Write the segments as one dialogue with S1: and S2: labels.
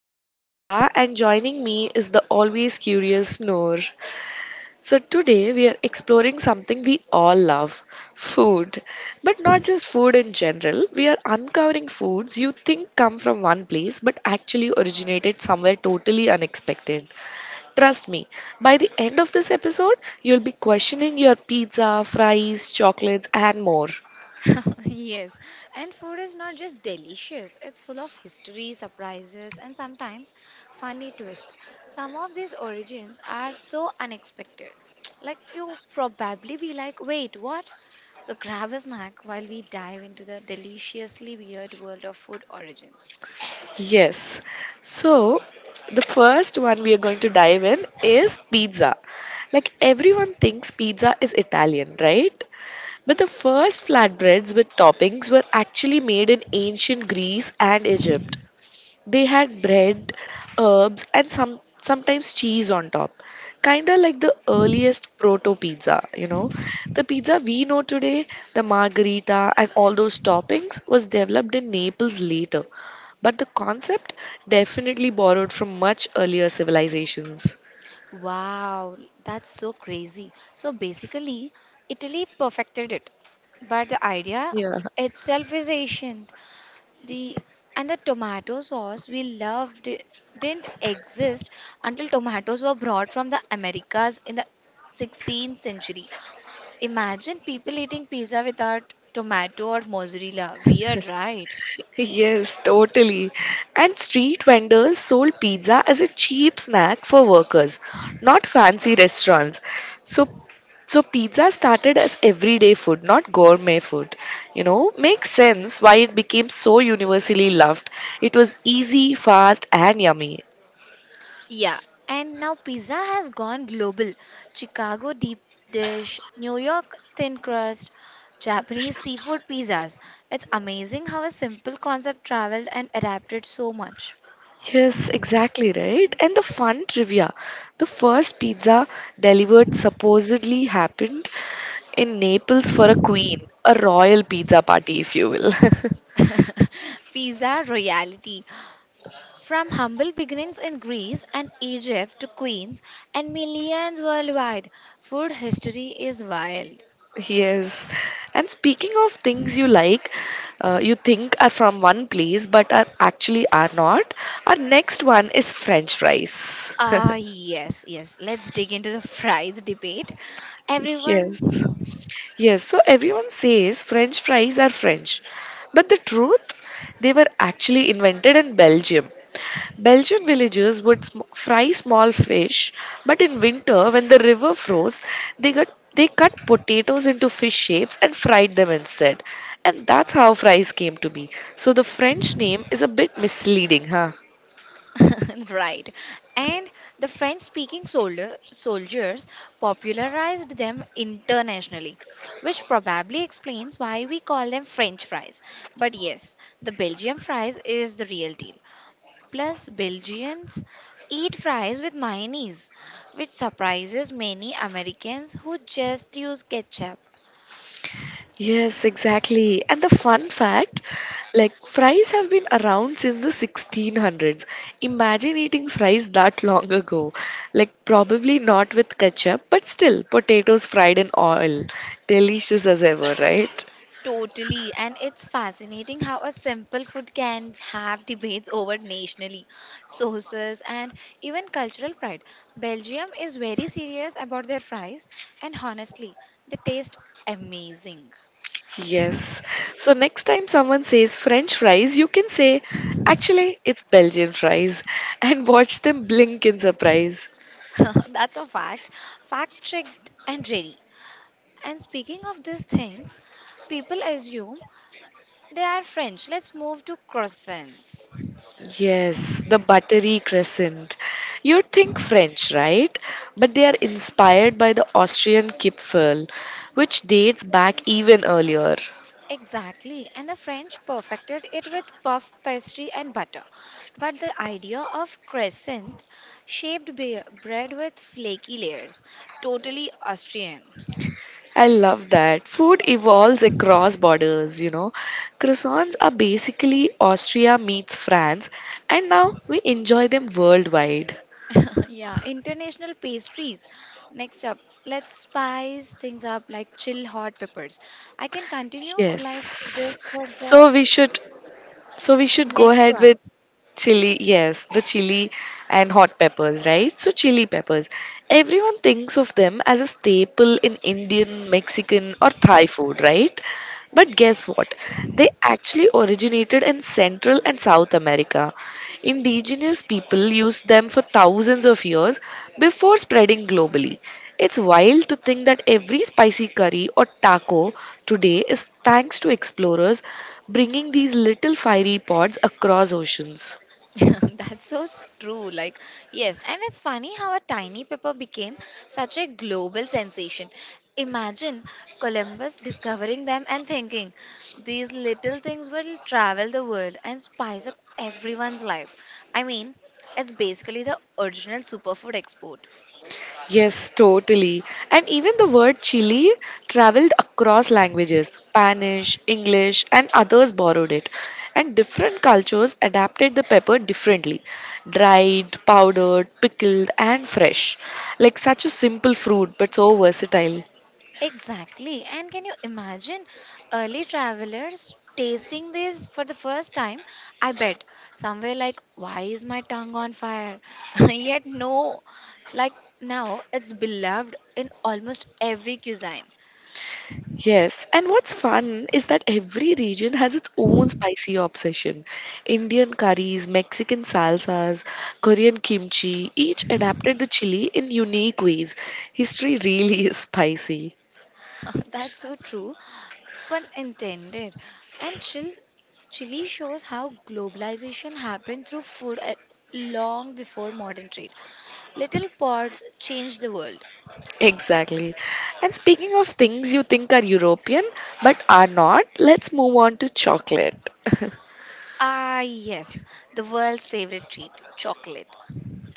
S1: I am Nishita and joining me is the always curious Noor. So today we are exploring something we all love, food. But not just food in general. We are uncovering foods you think come from one place but actually originated somewhere totally unexpected. Trust me, by the end of this episode, you'll be questioning your pizza, fries, chocolates and more.
S2: Yes, and food is not just delicious, it's full of history, surprises, and sometimes funny twists. Some of these origins are so unexpected. Like, you probably be like, wait, what? So, grab a snack while we dive into the deliciously weird world of food origins.
S1: Yes. So, the first one we are going to dive in is pizza. Like everyone thinks pizza is Italian, right? But the first flatbreads with toppings were actually made in ancient Greece and Egypt. They had bread, herbs, and sometimes cheese on top, kind of like the earliest proto pizza. You know, the pizza we know today, the margherita and all those toppings, was developed in Naples later, but the concept definitely borrowed from much earlier civilizations.
S2: Wow, that's so crazy. So, basically, Italy perfected it, but the idea
S1: Yeah.
S2: itself is ancient. The and the tomato sauce we loved it didn't exist until tomatoes were brought from the Americas in the 16th century. Imagine people eating pizza without tomato or mozzarella. Weird, right?
S1: Yes, totally. And street vendors sold pizza as a cheap snack for workers, not fancy restaurants. So so pizza started as everyday food, not gourmet food. You know, makes sense why it became so universally loved. It was easy, fast, and yummy.
S2: Yeah, and now pizza has gone global. Chicago deep dish, New York thin crust, Japanese seafood pizzas. It's amazing how a simple concept traveled and adapted so much.
S1: Yes, exactly right. And the fun trivia. The first pizza delivered supposedly happened in Naples for a queen, a royal pizza party, if you will.
S2: Pizza royalty. From humble beginnings in Greece and Egypt to Queens and millions worldwide, food history is wild.
S1: Yes. And speaking of things you like, you think are from one place but are actually are not, our next one is French fries.
S2: Ah, yes, yes. Let's dig into the fries debate. Everyone.
S1: Yes. Yes, so everyone says French fries are French. But the truth, they were actually invented in Belgium. Belgian villagers would fry small fish, but in winter, when the river froze, they got they cut potatoes into fish shapes and fried them instead. And that's how fries came to be. So the French name is a bit misleading, huh?
S2: Right. And the French speaking soldiers popularized them internationally, which probably explains why we call them French fries. But yes, the Belgium fries is the real deal. Plus, Belgians eat fries with mayonnaise, which surprises many Americans who just use ketchup.
S1: Yes, exactly. And the fun fact, like fries have been around since the 1600s. Imagine eating fries that long ago. Like probably not with ketchup, but still potatoes fried in oil. Delicious as ever, right?
S2: Totally, and it's fascinating how a simple food can have debates over nationally, sauces, and even cultural pride. Belgium is very serious about their fries, and honestly, they taste amazing.
S1: Yes. So next time someone says French fries, you can say, actually, it's Belgian fries and watch them blink in surprise.
S2: That's a fact. Fact checked and ready. And speaking of these things, people assume they are French. Let's move to croissants.
S1: Yes, the buttery crescent. You think French, right? But they are inspired by the Austrian Kipferl, which dates back even earlier.
S2: Exactly, and the French perfected it with puff pastry and butter. But the idea of crescent shaped bread with flaky layers, totally Austrian.
S1: I love that. Food evolves across borders, you know. Croissants are basically Austria meets France, and now we enjoy them worldwide.
S2: Yeah, international pastries. Next up, let's spice things up like chill hot peppers. I can continue like this
S1: Yes.
S2: for the
S1: So we should so we should go
S2: next
S1: ahead
S2: one.
S1: with chili, yes, the chili and hot peppers, right? So, chili peppers. Everyone thinks of them as a staple in Indian, Mexican, or Thai food, right? But guess what? They actually originated in Central and South America. Indigenous people used them for thousands of years before spreading globally. It's wild to think that every spicy curry or taco today is thanks to explorers bringing these little fiery pods across oceans.
S2: That's so true. Like, yes, and it's funny how a tiny pepper became such a global sensation. Imagine Columbus discovering them and thinking these little things will travel the world and spice up everyone's life. I mean, it's basically the original superfood export.
S1: Yes, totally. And even the word Chile traveled across languages Spanish, English, and others borrowed it. And different cultures adapted the pepper differently dried, powdered, pickled, and fresh. Like such a simple fruit, but so versatile.
S2: Exactly. And can you imagine early travelers tasting this for the first time? I bet somewhere like, why is my tongue on fire? Yet, no, like now it's beloved in almost every cuisine.
S1: Yes, and what's fun is that every region has its own spicy obsession. Indian curries, Mexican salsas, Korean kimchi, each adapted the chili in unique ways. History really is spicy.
S2: That's so true, pun intended. And Chile shows how globalization happened through food long before modern trade. Little pods changed the world.
S1: Exactly. And speaking of things you think are European but are not, let's move on to chocolate.
S2: Ah, yes, the world's favorite treat, chocolate.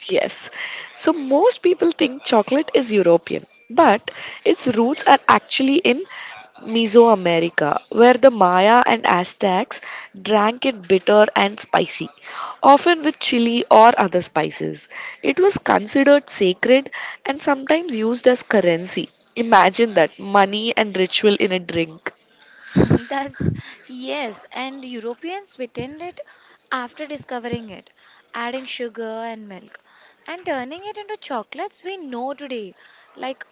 S1: Yes. So most people think chocolate is European, but its roots are actually in Mesoamerica, where the Maya and Aztecs drank it bitter and spicy, often with chili or other spices. It was considered sacred and sometimes used as currency. Imagine that money and ritual in a drink.
S2: That's, yes, and Europeans sweetened it after discovering it, adding sugar and milk and turning it into chocolates we know today. Like,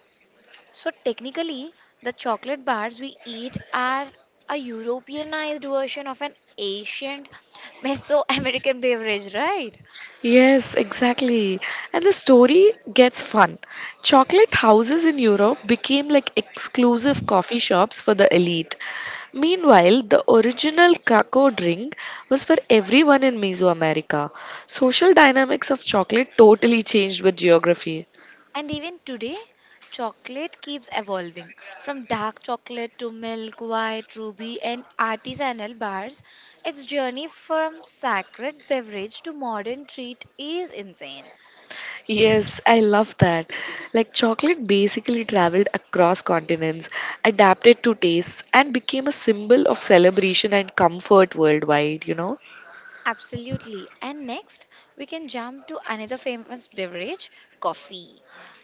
S2: so technically, the chocolate bars we eat are a Europeanized version of an ancient Mesoamerican beverage, right?
S1: Yes, exactly. And the story gets fun. Chocolate houses in Europe became like exclusive coffee shops for the elite. Meanwhile, the original cacao drink was for everyone in Mesoamerica. Social dynamics of chocolate totally changed with geography.
S2: And even today, chocolate keeps evolving from dark chocolate to milk, white, ruby, and artisanal bars. Its journey from sacred beverage to modern treat is insane.
S1: Yes, I love that. Like chocolate basically traveled across continents, adapted to tastes, and became a symbol of celebration and comfort worldwide, you know?
S2: Absolutely. And next, we can jump to another famous beverage, coffee,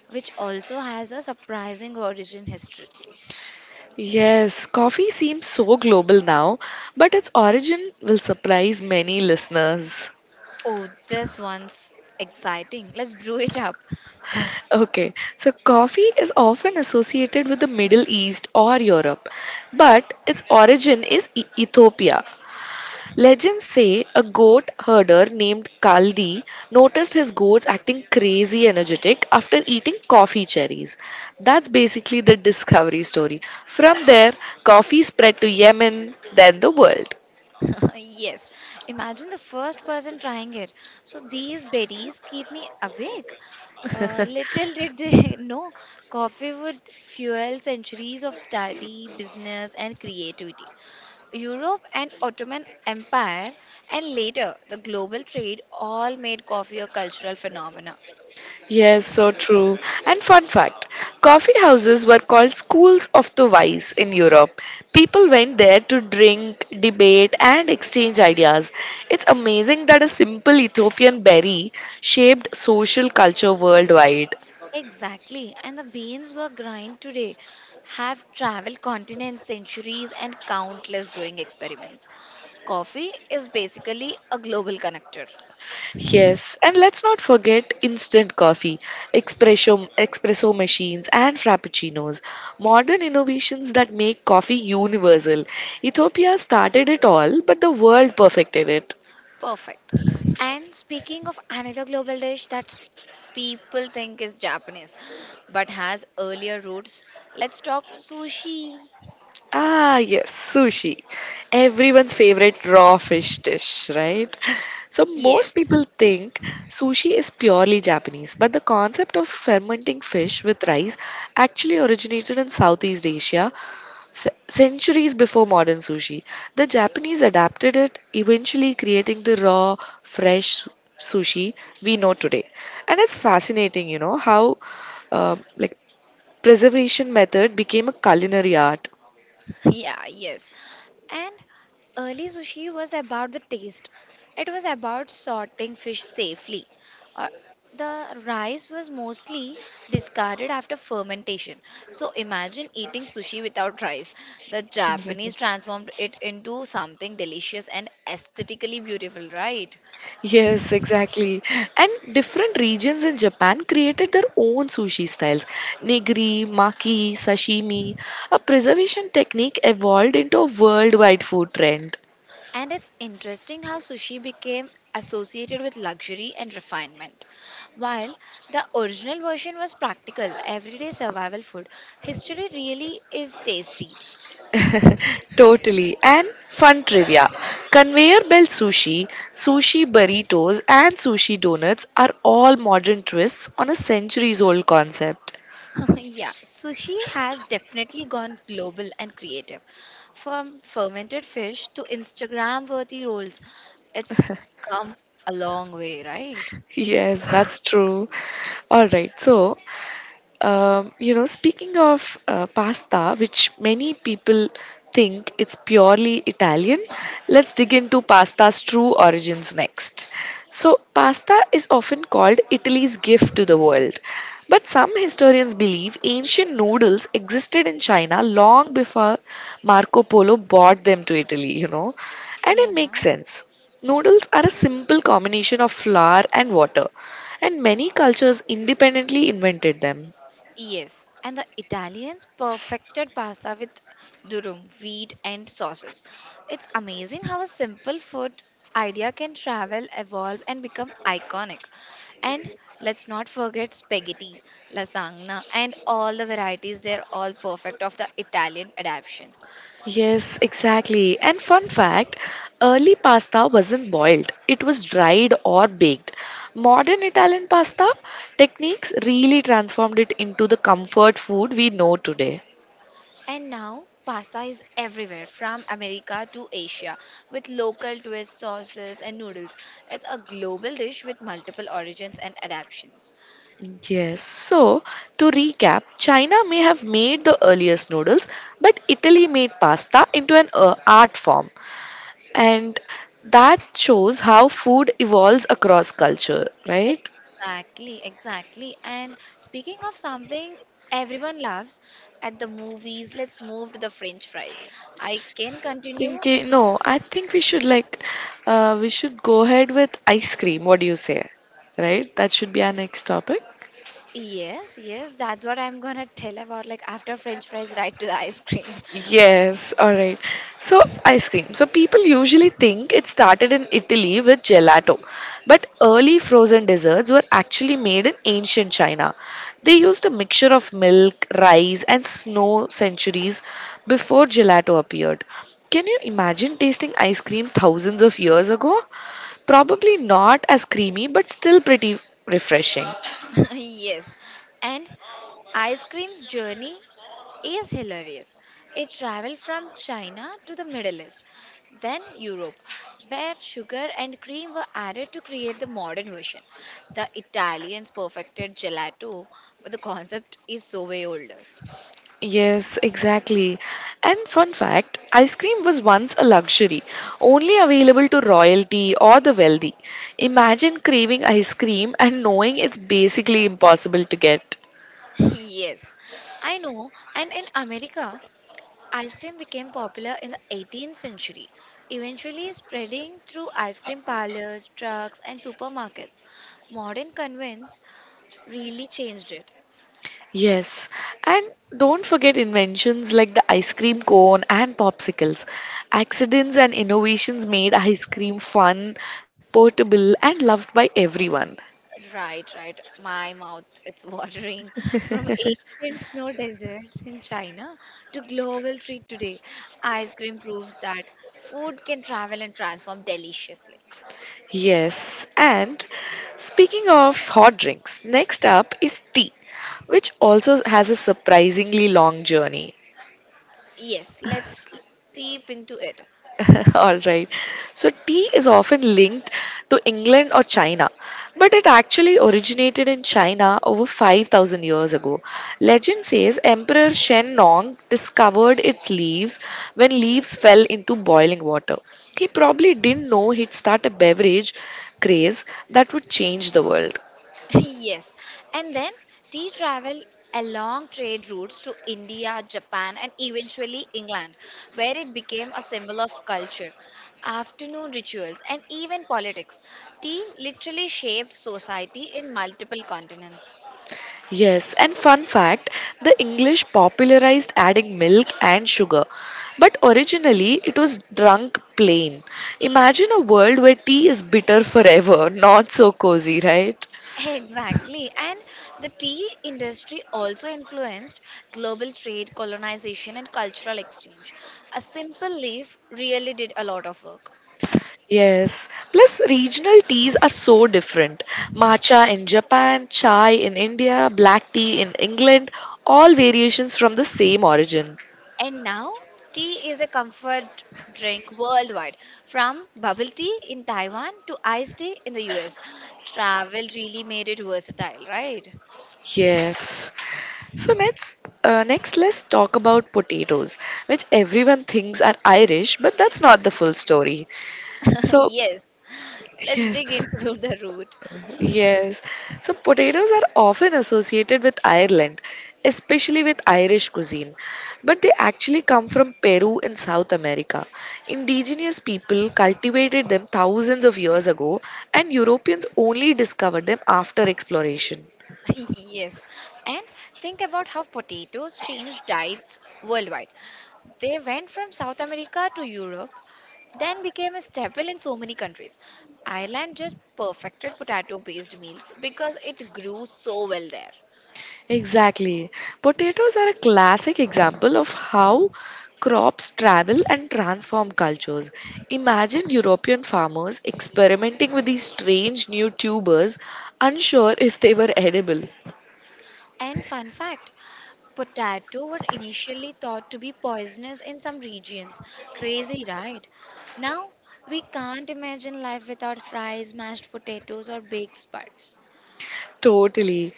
S2: which also has a surprising origin history.
S1: Yes, coffee seems so global now, but its origin will surprise many listeners.
S2: Oh, this one's exciting. Let's brew it up.
S1: Okay, so coffee is often associated with the Middle East or Europe, but its origin is Ethiopia. Legends say a goat herder named Kaldi noticed his goats acting crazy energetic after eating coffee cherries. That's basically the discovery story. From there, coffee spread to Yemen, then the world.
S2: Yes, imagine the first person trying it. So these berries keep me awake. Little did they know coffee would fuel centuries of study, business, and creativity. Europe and Ottoman Empire, and later the global trade, all made coffee a cultural phenomenon.
S1: Yes, so true. And fun fact coffee houses were called schools of the wise in Europe. People went there to drink, debate, and exchange ideas. It's amazing that a simple Ethiopian berry shaped social culture worldwide.
S2: Exactly, and the beans were grind today have traveled continents, centuries, and countless brewing experiments. Coffee is basically a global connector.
S1: Yes, and let's not forget instant coffee, espresso machines, and frappuccinos. Modern innovations that make coffee universal. Ethiopia started it all, but the world perfected it.
S2: Perfect. And speaking of another global dish that people think is Japanese but has earlier roots, let's talk sushi.
S1: Ah, yes, sushi. Everyone's favorite raw fish dish, right? So, most
S2: Yes.
S1: people think sushi is purely Japanese, but the concept of fermenting fish with rice actually originated in Southeast Asia centuries before modern sushi. The Japanese adapted it, eventually creating the raw, fresh sushi we know today. And it's fascinating, you know, how like preservation method became a culinary art.
S2: Yeah, yes. And early sushi was about the taste. It was about sorting fish safely. Uh, the rice was mostly discarded after fermentation. So imagine eating sushi without rice. The Japanese transformed it into something delicious and aesthetically beautiful, right?
S1: Yes, exactly. And different regions in Japan created their own sushi styles. Nigiri, maki, sashimi, a preservation technique evolved into a worldwide food trend.
S2: And it's interesting how sushi became associated with luxury and refinement. While the original version was practical, everyday survival food, history really is tasty.
S1: Totally. And fun trivia. Conveyor belt sushi, sushi burritos, and sushi donuts are all modern twists on a centuries old concept.
S2: Yeah, sushi has definitely gone global and creative. From fermented fish to Instagram worthy rolls, it's come a long way, right?
S1: Yes, that's true. All right. So, you know, speaking of pasta, which many people think it's purely Italian, let's dig into pasta's true origins next. So, pasta is often called Italy's gift to the world. But some historians believe ancient noodles existed in China long before Marco Polo brought them to Italy, you know. And it
S2: Yeah.
S1: makes sense. Noodles are a simple combination of flour and water, and many cultures independently invented them.
S2: Yes, and the Italians perfected pasta with durum, wheat, and sauces. It's amazing how a simple food idea can travel, evolve, and become iconic. And let's not forget spaghetti, lasagna, and all the varieties. They're all perfect of the Italian adaptation.
S1: Yes, exactly. And fun fact early pasta wasn't boiled, it was dried or baked. Modern Italian pasta techniques really transformed it into the comfort food we know today.
S2: And now, pasta is everywhere from America to Asia with local twists, sauces, and noodles. It's a global dish with multiple origins and adaptations.
S1: Yes, so to recap, China may have made the earliest noodles, but Italy made pasta into an art form. And that shows how food evolves across culture, right?
S2: Exactly. And speaking of something everyone loves at the movies, let's move to the French fries. I can continue.
S1: Thinking, no, I think we should go ahead with ice cream. What do you say? Right? That should be our next topic.
S2: Yes, yes, that's what I'm gonna tell about. Like after French fries, right to the ice cream.
S1: Yes, alright. So, ice cream. So, people usually think it started in Italy with gelato, but early frozen desserts were actually made in ancient China. They used a mixture of milk, rice, and snow centuries before gelato appeared. Can you imagine tasting ice cream thousands of years ago? Probably not as creamy, but still pretty refreshing.
S2: Yes, and ice cream's journey is hilarious. It traveled from China to the Middle East, then Europe, where sugar and cream were added to create the modern version. The Italians perfected gelato, but the concept is so way older.
S1: Yes, exactly. And fun fact ice cream was once a luxury, only available to royalty or the wealthy. Imagine craving ice cream and knowing it's basically impossible to get.
S2: Yes, I know. And in America, ice cream became popular in the 18th century, eventually spreading through ice cream parlors, trucks, and supermarkets. Modern convents really changed it.
S1: Yes, and don't forget inventions like the ice cream cone and popsicles. Accidents and innovations made ice cream fun, portable, and loved by everyone.
S2: Right. My mouth, it's watering. From ancient snow deserts in China to global treat today, ice cream proves that food can travel and transform deliciously.
S1: Yes, and speaking of hot drinks, next up is tea, which also has a surprisingly long journey.
S2: Yes, let's deep into it.
S1: All right. So, tea is often linked to England or China, but it actually originated in China over 5,000 years ago. Legend says Emperor Shen Nong discovered its leaves when leaves fell into boiling water. He probably didn't know he'd start a beverage craze that would change the world.
S2: Yes. And then tea travel along trade routes to India, Japan, and eventually England, where it became a symbol of culture, afternoon rituals, and even politics. Tea literally shaped society in multiple continents.
S1: Yes, and fun fact the English popularized adding milk and sugar, but originally it was drunk plain. Imagine a world where tea is bitter forever, not so cozy, right?
S2: Exactly. And the tea industry also influenced global trade, colonization, and cultural exchange. A simple leaf really did a lot of work.
S1: Yes. Plus, regional teas are so different. Matcha in Japan, chai in India, black tea in England, all variations from the same origin.
S2: And now, tea is a comfort drink worldwide. From bubble tea in Taiwan to iced tea in the US. Travel really made it versatile, right?
S1: Yes. So next, next let's talk about potatoes, which everyone thinks are Irish, but that's not the full story. So
S2: Yes. Let's dig
S1: yes,
S2: into the root.
S1: yes. So potatoes are often associated with Ireland, especially with Irish cuisine, but they actually come from Peru in South America. Indigenous people cultivated them thousands of years ago, and Europeans only discovered them after exploration.
S2: Yes. And think about how potatoes changed diets worldwide. They went from South America to Europe, then became a staple in so many countries. Ireland just perfected potato based meals because it grew so well there.
S1: Exactly. Potatoes are a classic example of how crops travel and transform cultures. Imagine European farmers experimenting with these strange new tubers, unsure if they were edible.
S2: And fun fact, potato were initially thought to be poisonous in some regions. Crazy, right? Now, we can't imagine life without fries, mashed potatoes, or baked spuds.
S1: Totally.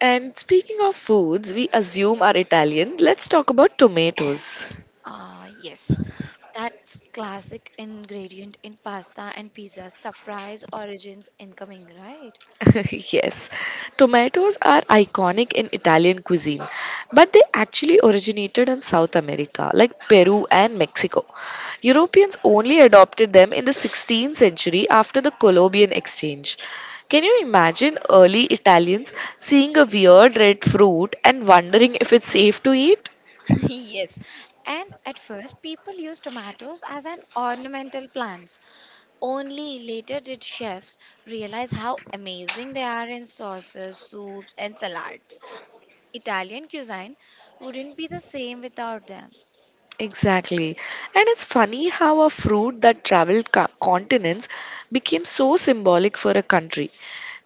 S1: And speaking of foods we assume are Italian, let's talk about tomatoes.
S2: Ah, yes. That's classic ingredient in pasta and pizza. Surprise origins incoming, right?
S1: Yes, tomatoes are iconic in Italian cuisine, but they actually originated in South America, like Peru and Mexico. Europeans only adopted them in the 16th century after the Columbian exchange. Can you imagine early Italians seeing a weird red fruit and wondering if it's safe to eat?
S2: Yes. And at first, people used tomatoes as an ornamental plants. Only later did chefs realize how amazing they are in sauces, soups, and salads. Italian cuisine wouldn't be the same without them.
S1: Exactly. And it's funny how a fruit that traveled continents became so symbolic for a country.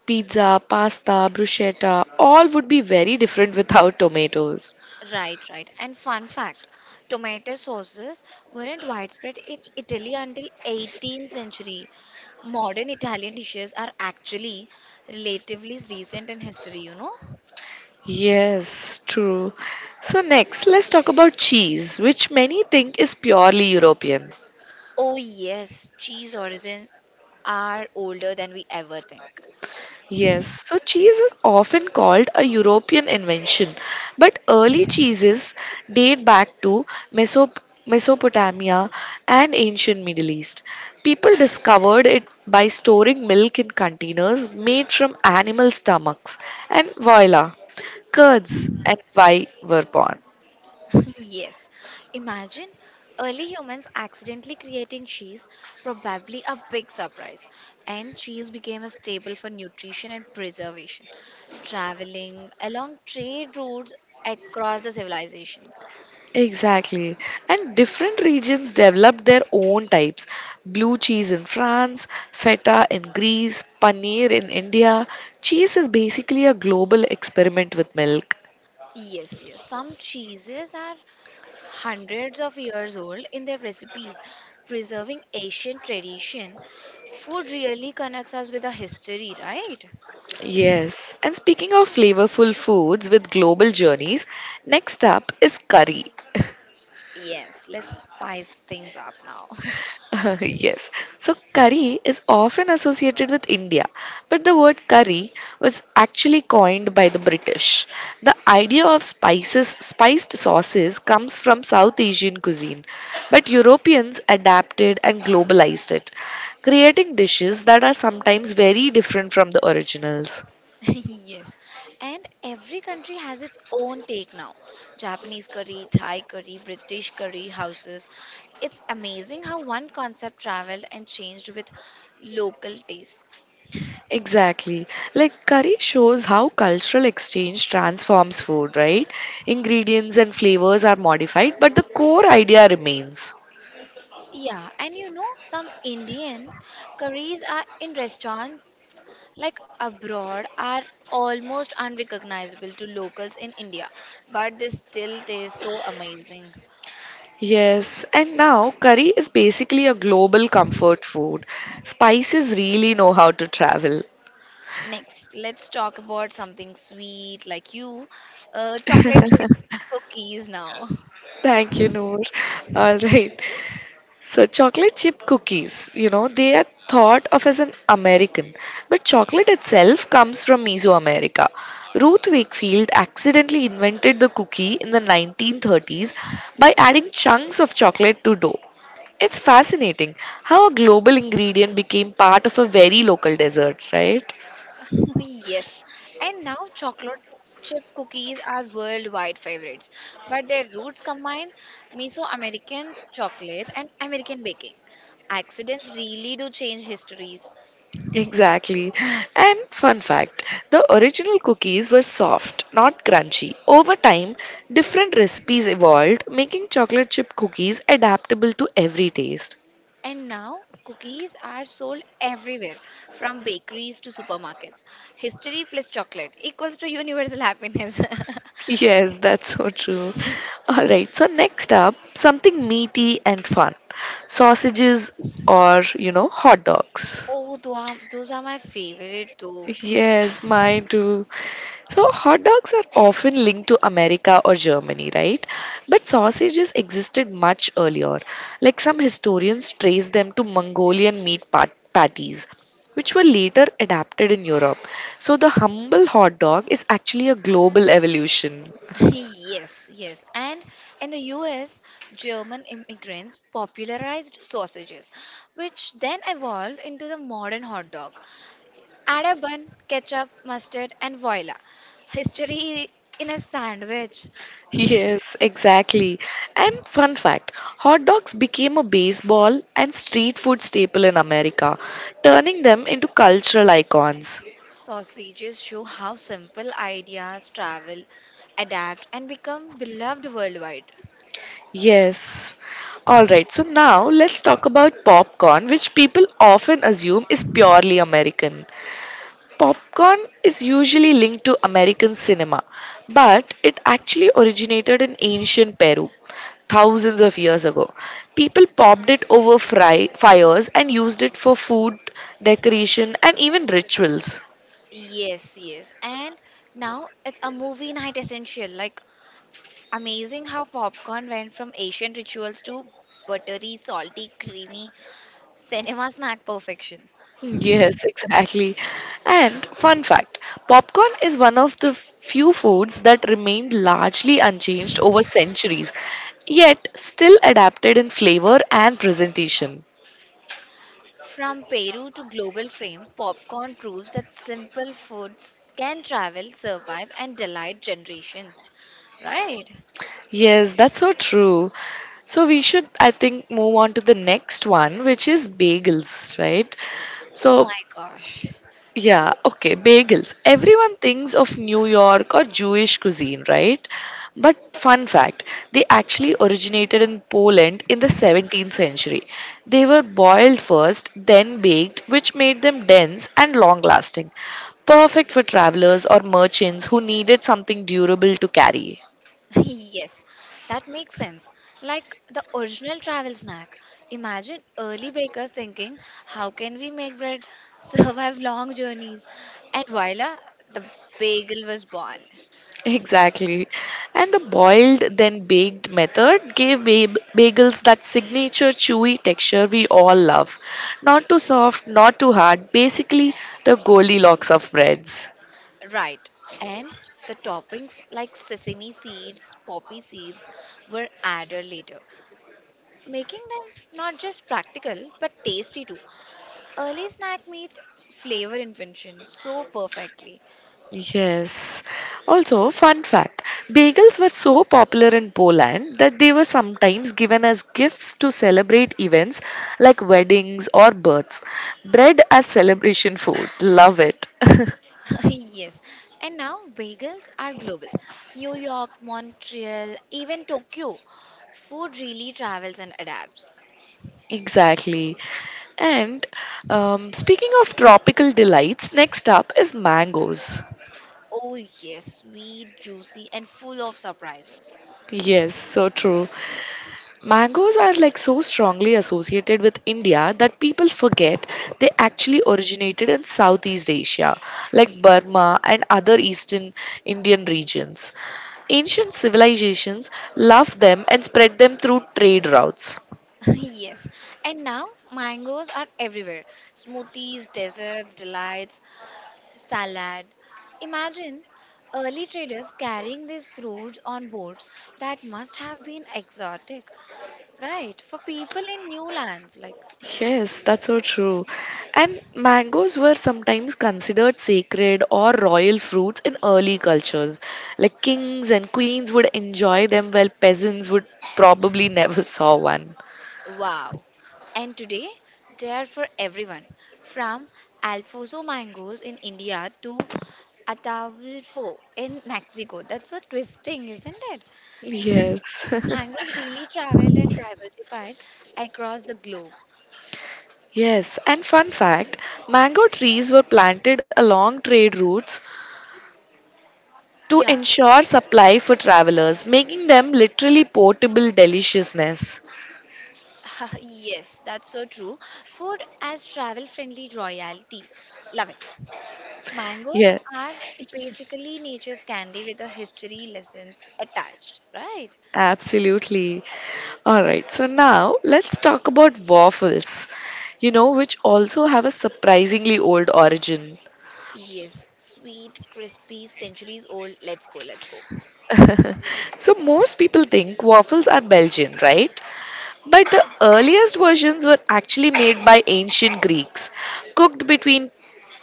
S1: Pizza, pasta, bruschetta, all would be very different without tomatoes.
S2: Right. And fun fact, tomato sauces weren't widespread in Italy until 18th century. Modern Italian dishes are actually relatively recent in history, you know?
S1: Yes, true. So, next, let's talk about cheese, which many think is purely European.
S2: Oh yes, cheese origins are older than we ever think.
S1: Yes, so cheese is often called a European invention, but early cheeses date back to Mesop- Mesopotamia and ancient Middle East. People discovered it by storing milk in containers made from animal stomachs, and voila, curds and why were born.
S2: Yes. Imagine early humans accidentally creating cheese, probably a big surprise. And cheese became a staple for nutrition and preservation, traveling along trade routes across the civilizations.
S1: Exactly. And different regions develop their own types. Blue cheese in France, feta in Greece, paneer in India. Cheese is basically a global experiment with milk.
S2: Yes. Some cheeses are hundreds of years old in their recipes, preserving ancient tradition. Food really connects us with the history, right?
S1: Yes. And speaking of flavorful foods with global journeys, next up is curry.
S2: Yes, let's spice things up now.
S1: Yes. So curry is often associated with India, but the word curry was actually coined by the British. The idea of spices, spiced sauces comes from South Asian cuisine, but Europeans adapted and globalized it, creating dishes that are sometimes very different from the originals.
S2: Yes, and every country has its own take now. Japanese curry, Thai curry, British curry houses. It's amazing how one concept traveled and changed with local tastes.
S1: Exactly. Like curry shows how cultural exchange transforms food, right? Ingredients and flavors are modified, but the core idea remains.
S2: Yeah, and you know, some Indian curries are in restaurants like abroad are almost unrecognizable to locals in India, but they still taste so amazing.
S1: Yes, and now curry is basically a global comfort food. Spices really know how to travel.
S2: Next, let's talk about something sweet like you, chocolate chip cookies now.
S1: Thank you, Noor. All right. So chocolate chip cookies, they are thought of as an American, but chocolate itself comes from Mesoamerica. Ruth Wakefield accidentally invented the cookie in the 1930s by adding chunks of chocolate to dough. It's fascinating how a global ingredient became part of a very local dessert, right?
S2: Yes, and now chocolate chip cookies are worldwide favorites, but their roots combine Mesoamerican chocolate and American baking. Accidents really do change histories.
S1: Exactly. And fun fact, the original cookies were soft, not crunchy. Over time, different recipes evolved, making chocolate chip cookies adaptable to every taste.
S2: And now, cookies are sold everywhere, from bakeries to supermarkets. History plus chocolate equals to universal happiness.
S1: Yes, that's so true. Alright, so next up, something meaty and fun, sausages or, hot dogs.
S2: Oh, those are my favorite too.
S1: Yes, mine too. So, hot dogs are often linked to America or Germany, right? But sausages existed much earlier. Like some historians trace them to Mongolian meat patties, which were later adapted in Europe. So, the humble hot dog is actually a global evolution.
S2: Yes. And in the US, German immigrants popularized sausages, which then evolved into the modern hot dog. Add a bun, ketchup, mustard, and voila. History in a sandwich.
S1: Yes, exactly. And fun fact, hot dogs became a baseball and street food staple in America, turning them into cultural icons.
S2: Sausages show how simple ideas travel, adapt, and become beloved worldwide.
S1: Yes. All right. So now let's talk about popcorn, which people often assume is purely American. Popcorn is usually linked to American cinema, but it actually originated in ancient Peru thousands of years ago. People popped it over fires and used it for food, decoration, and even rituals.
S2: Yes. And now it's a movie night essential. Like, amazing how popcorn went from ancient rituals to buttery, salty, creamy cinema snack perfection.
S1: Yes, exactly. And fun fact, popcorn is one of the few foods that remained largely unchanged over centuries, yet still adapted in flavor and presentation.
S2: From Peru to global fame, popcorn proves that simple foods can travel, survive, and delight generations. Right?
S1: Yes, that's so true. So we should, I think, move on to the next one, which is bagels, right?
S2: Oh
S1: So
S2: my gosh.
S1: yeah, okay,
S2: Yes.
S1: bagels. Everyone thinks of New York or Jewish cuisine, right? But fun fact, they actually originated in Poland in the 17th century. They were boiled first, then baked, which made them dense and long lasting. Perfect for travelers or merchants who needed something durable to carry.
S2: Yes, that makes sense. Like the original travel snack. Imagine early bakers thinking, how can we make bread survive long journeys? And voila, the bagel was born.
S1: Exactly. And the boiled then baked method gave bagels that signature chewy texture we all love. Not too soft, not too hard, basically the Goldilocks of breads.
S2: Right. And the toppings like sesame seeds, poppy seeds were added later, making them not just practical but tasty too. Early snack meat flavor invention so perfectly.
S1: Yes. Also, fun fact, bagels were so popular in Poland that they were sometimes given as gifts to celebrate events like weddings or births. Bread as celebration food. Love it.
S2: Yes, and now bagels are global. New York, Montreal, even Tokyo. Food really travels and adapts.
S1: Exactly. And speaking of tropical delights, next up is mangoes.
S2: Oh, yes, sweet, juicy, and full of surprises.
S1: Yes, so true. Mangoes are like so strongly associated with India that people forget they actually originated in Southeast Asia, like Burma and other Eastern Indian regions. Ancient civilizations loved them and spread them through trade routes.
S2: Yes, and now mangoes are everywhere smoothies, desserts, delights, salad. Imagine early traders carrying these fruits on boats that must have been exotic, right? For people in new lands, like.
S1: Yes, that's so true. And mangoes were sometimes considered sacred or royal fruits in early cultures. Like kings and queens would enjoy them while peasants would probably never saw one.
S2: Wow. And today they are for everyone from Alfonso mangoes in India to Ataulfo in Mexico. That's so twisting, isn't it?
S1: Yes.
S2: Mangoes really traveled and diversified across the globe.
S1: Yes, and fun fact, mango trees were planted along trade routes to
S2: Yeah.
S1: ensure supply for travelers, making them literally portable deliciousness.
S2: Yes, that's so true. Food as travel friendly royalty. Love it. Mangoes
S1: Yes.
S2: are basically nature's candy with a history lessons attached, right?
S1: Absolutely. All right. So now let's talk about waffles, which also have a surprisingly old origin.
S2: Yes, sweet, crispy, centuries old. Let's go.
S1: So most people think waffles are Belgian, right? But the earliest versions were actually made by ancient Greeks, cooked between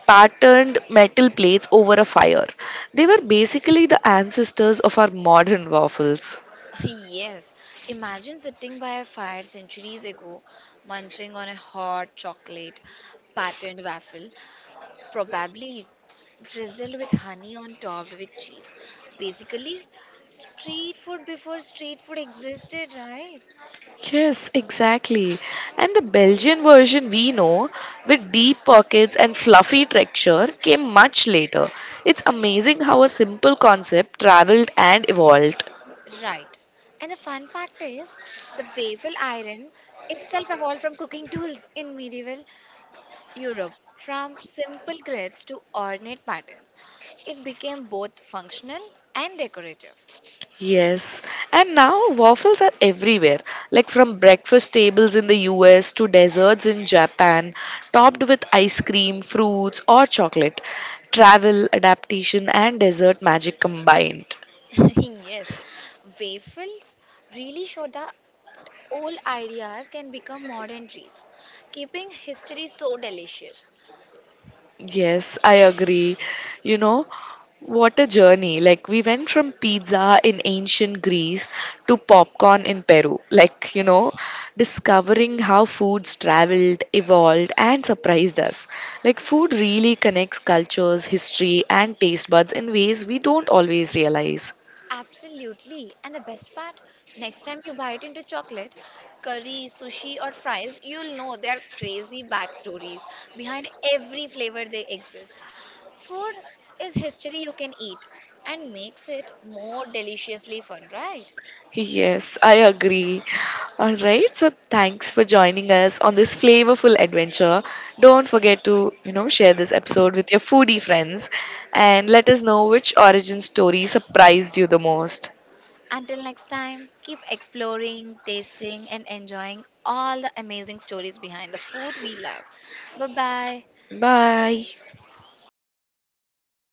S1: patterned metal plates over a fire. They were basically the ancestors of our modern waffles.
S2: Yes, imagine sitting by a fire centuries ago, munching on a hot chocolate patterned waffle, probably drizzled with honey on topped with cheese. Basically, street food before street food existed, right?
S1: Yes, exactly. And the Belgian version we know, with deep pockets and fluffy texture, came much later. It's amazing how a simple concept traveled and evolved.
S2: Right. And the fun fact is, the waffle iron itself evolved from cooking tools in medieval Europe, from simple grids to ornate patterns, it became both functional and decorative.
S1: Yes, and now waffles are everywhere, like from breakfast tables in the US to desserts in Japan, topped with ice cream, fruits, or chocolate. Travel, adaptation, and dessert magic combined.
S2: Yes, waffles really show that old ideas can become modern treats, keeping history so delicious.
S1: Yes, I agree. You know, what a journey. Like, we went from pizza in ancient Greece to popcorn in Peru. Like, discovering how foods traveled, evolved, and surprised us. Like, food really connects cultures, history, and taste buds in ways we don't always realize.
S2: Absolutely. And the best part, next time you bite into chocolate, curry, sushi, or fries, you'll know there are crazy backstories behind every flavor they exist. Food is history you can eat and makes it more deliciously fun, right?
S1: Yes, I agree. All right, so thanks for joining us on this flavorful adventure. Don't forget to, share this episode with your foodie friends and let us know which origin story surprised you the most.
S2: Until next time, keep exploring, tasting, and enjoying all the amazing stories behind the food we love. Bye bye.
S1: Bye.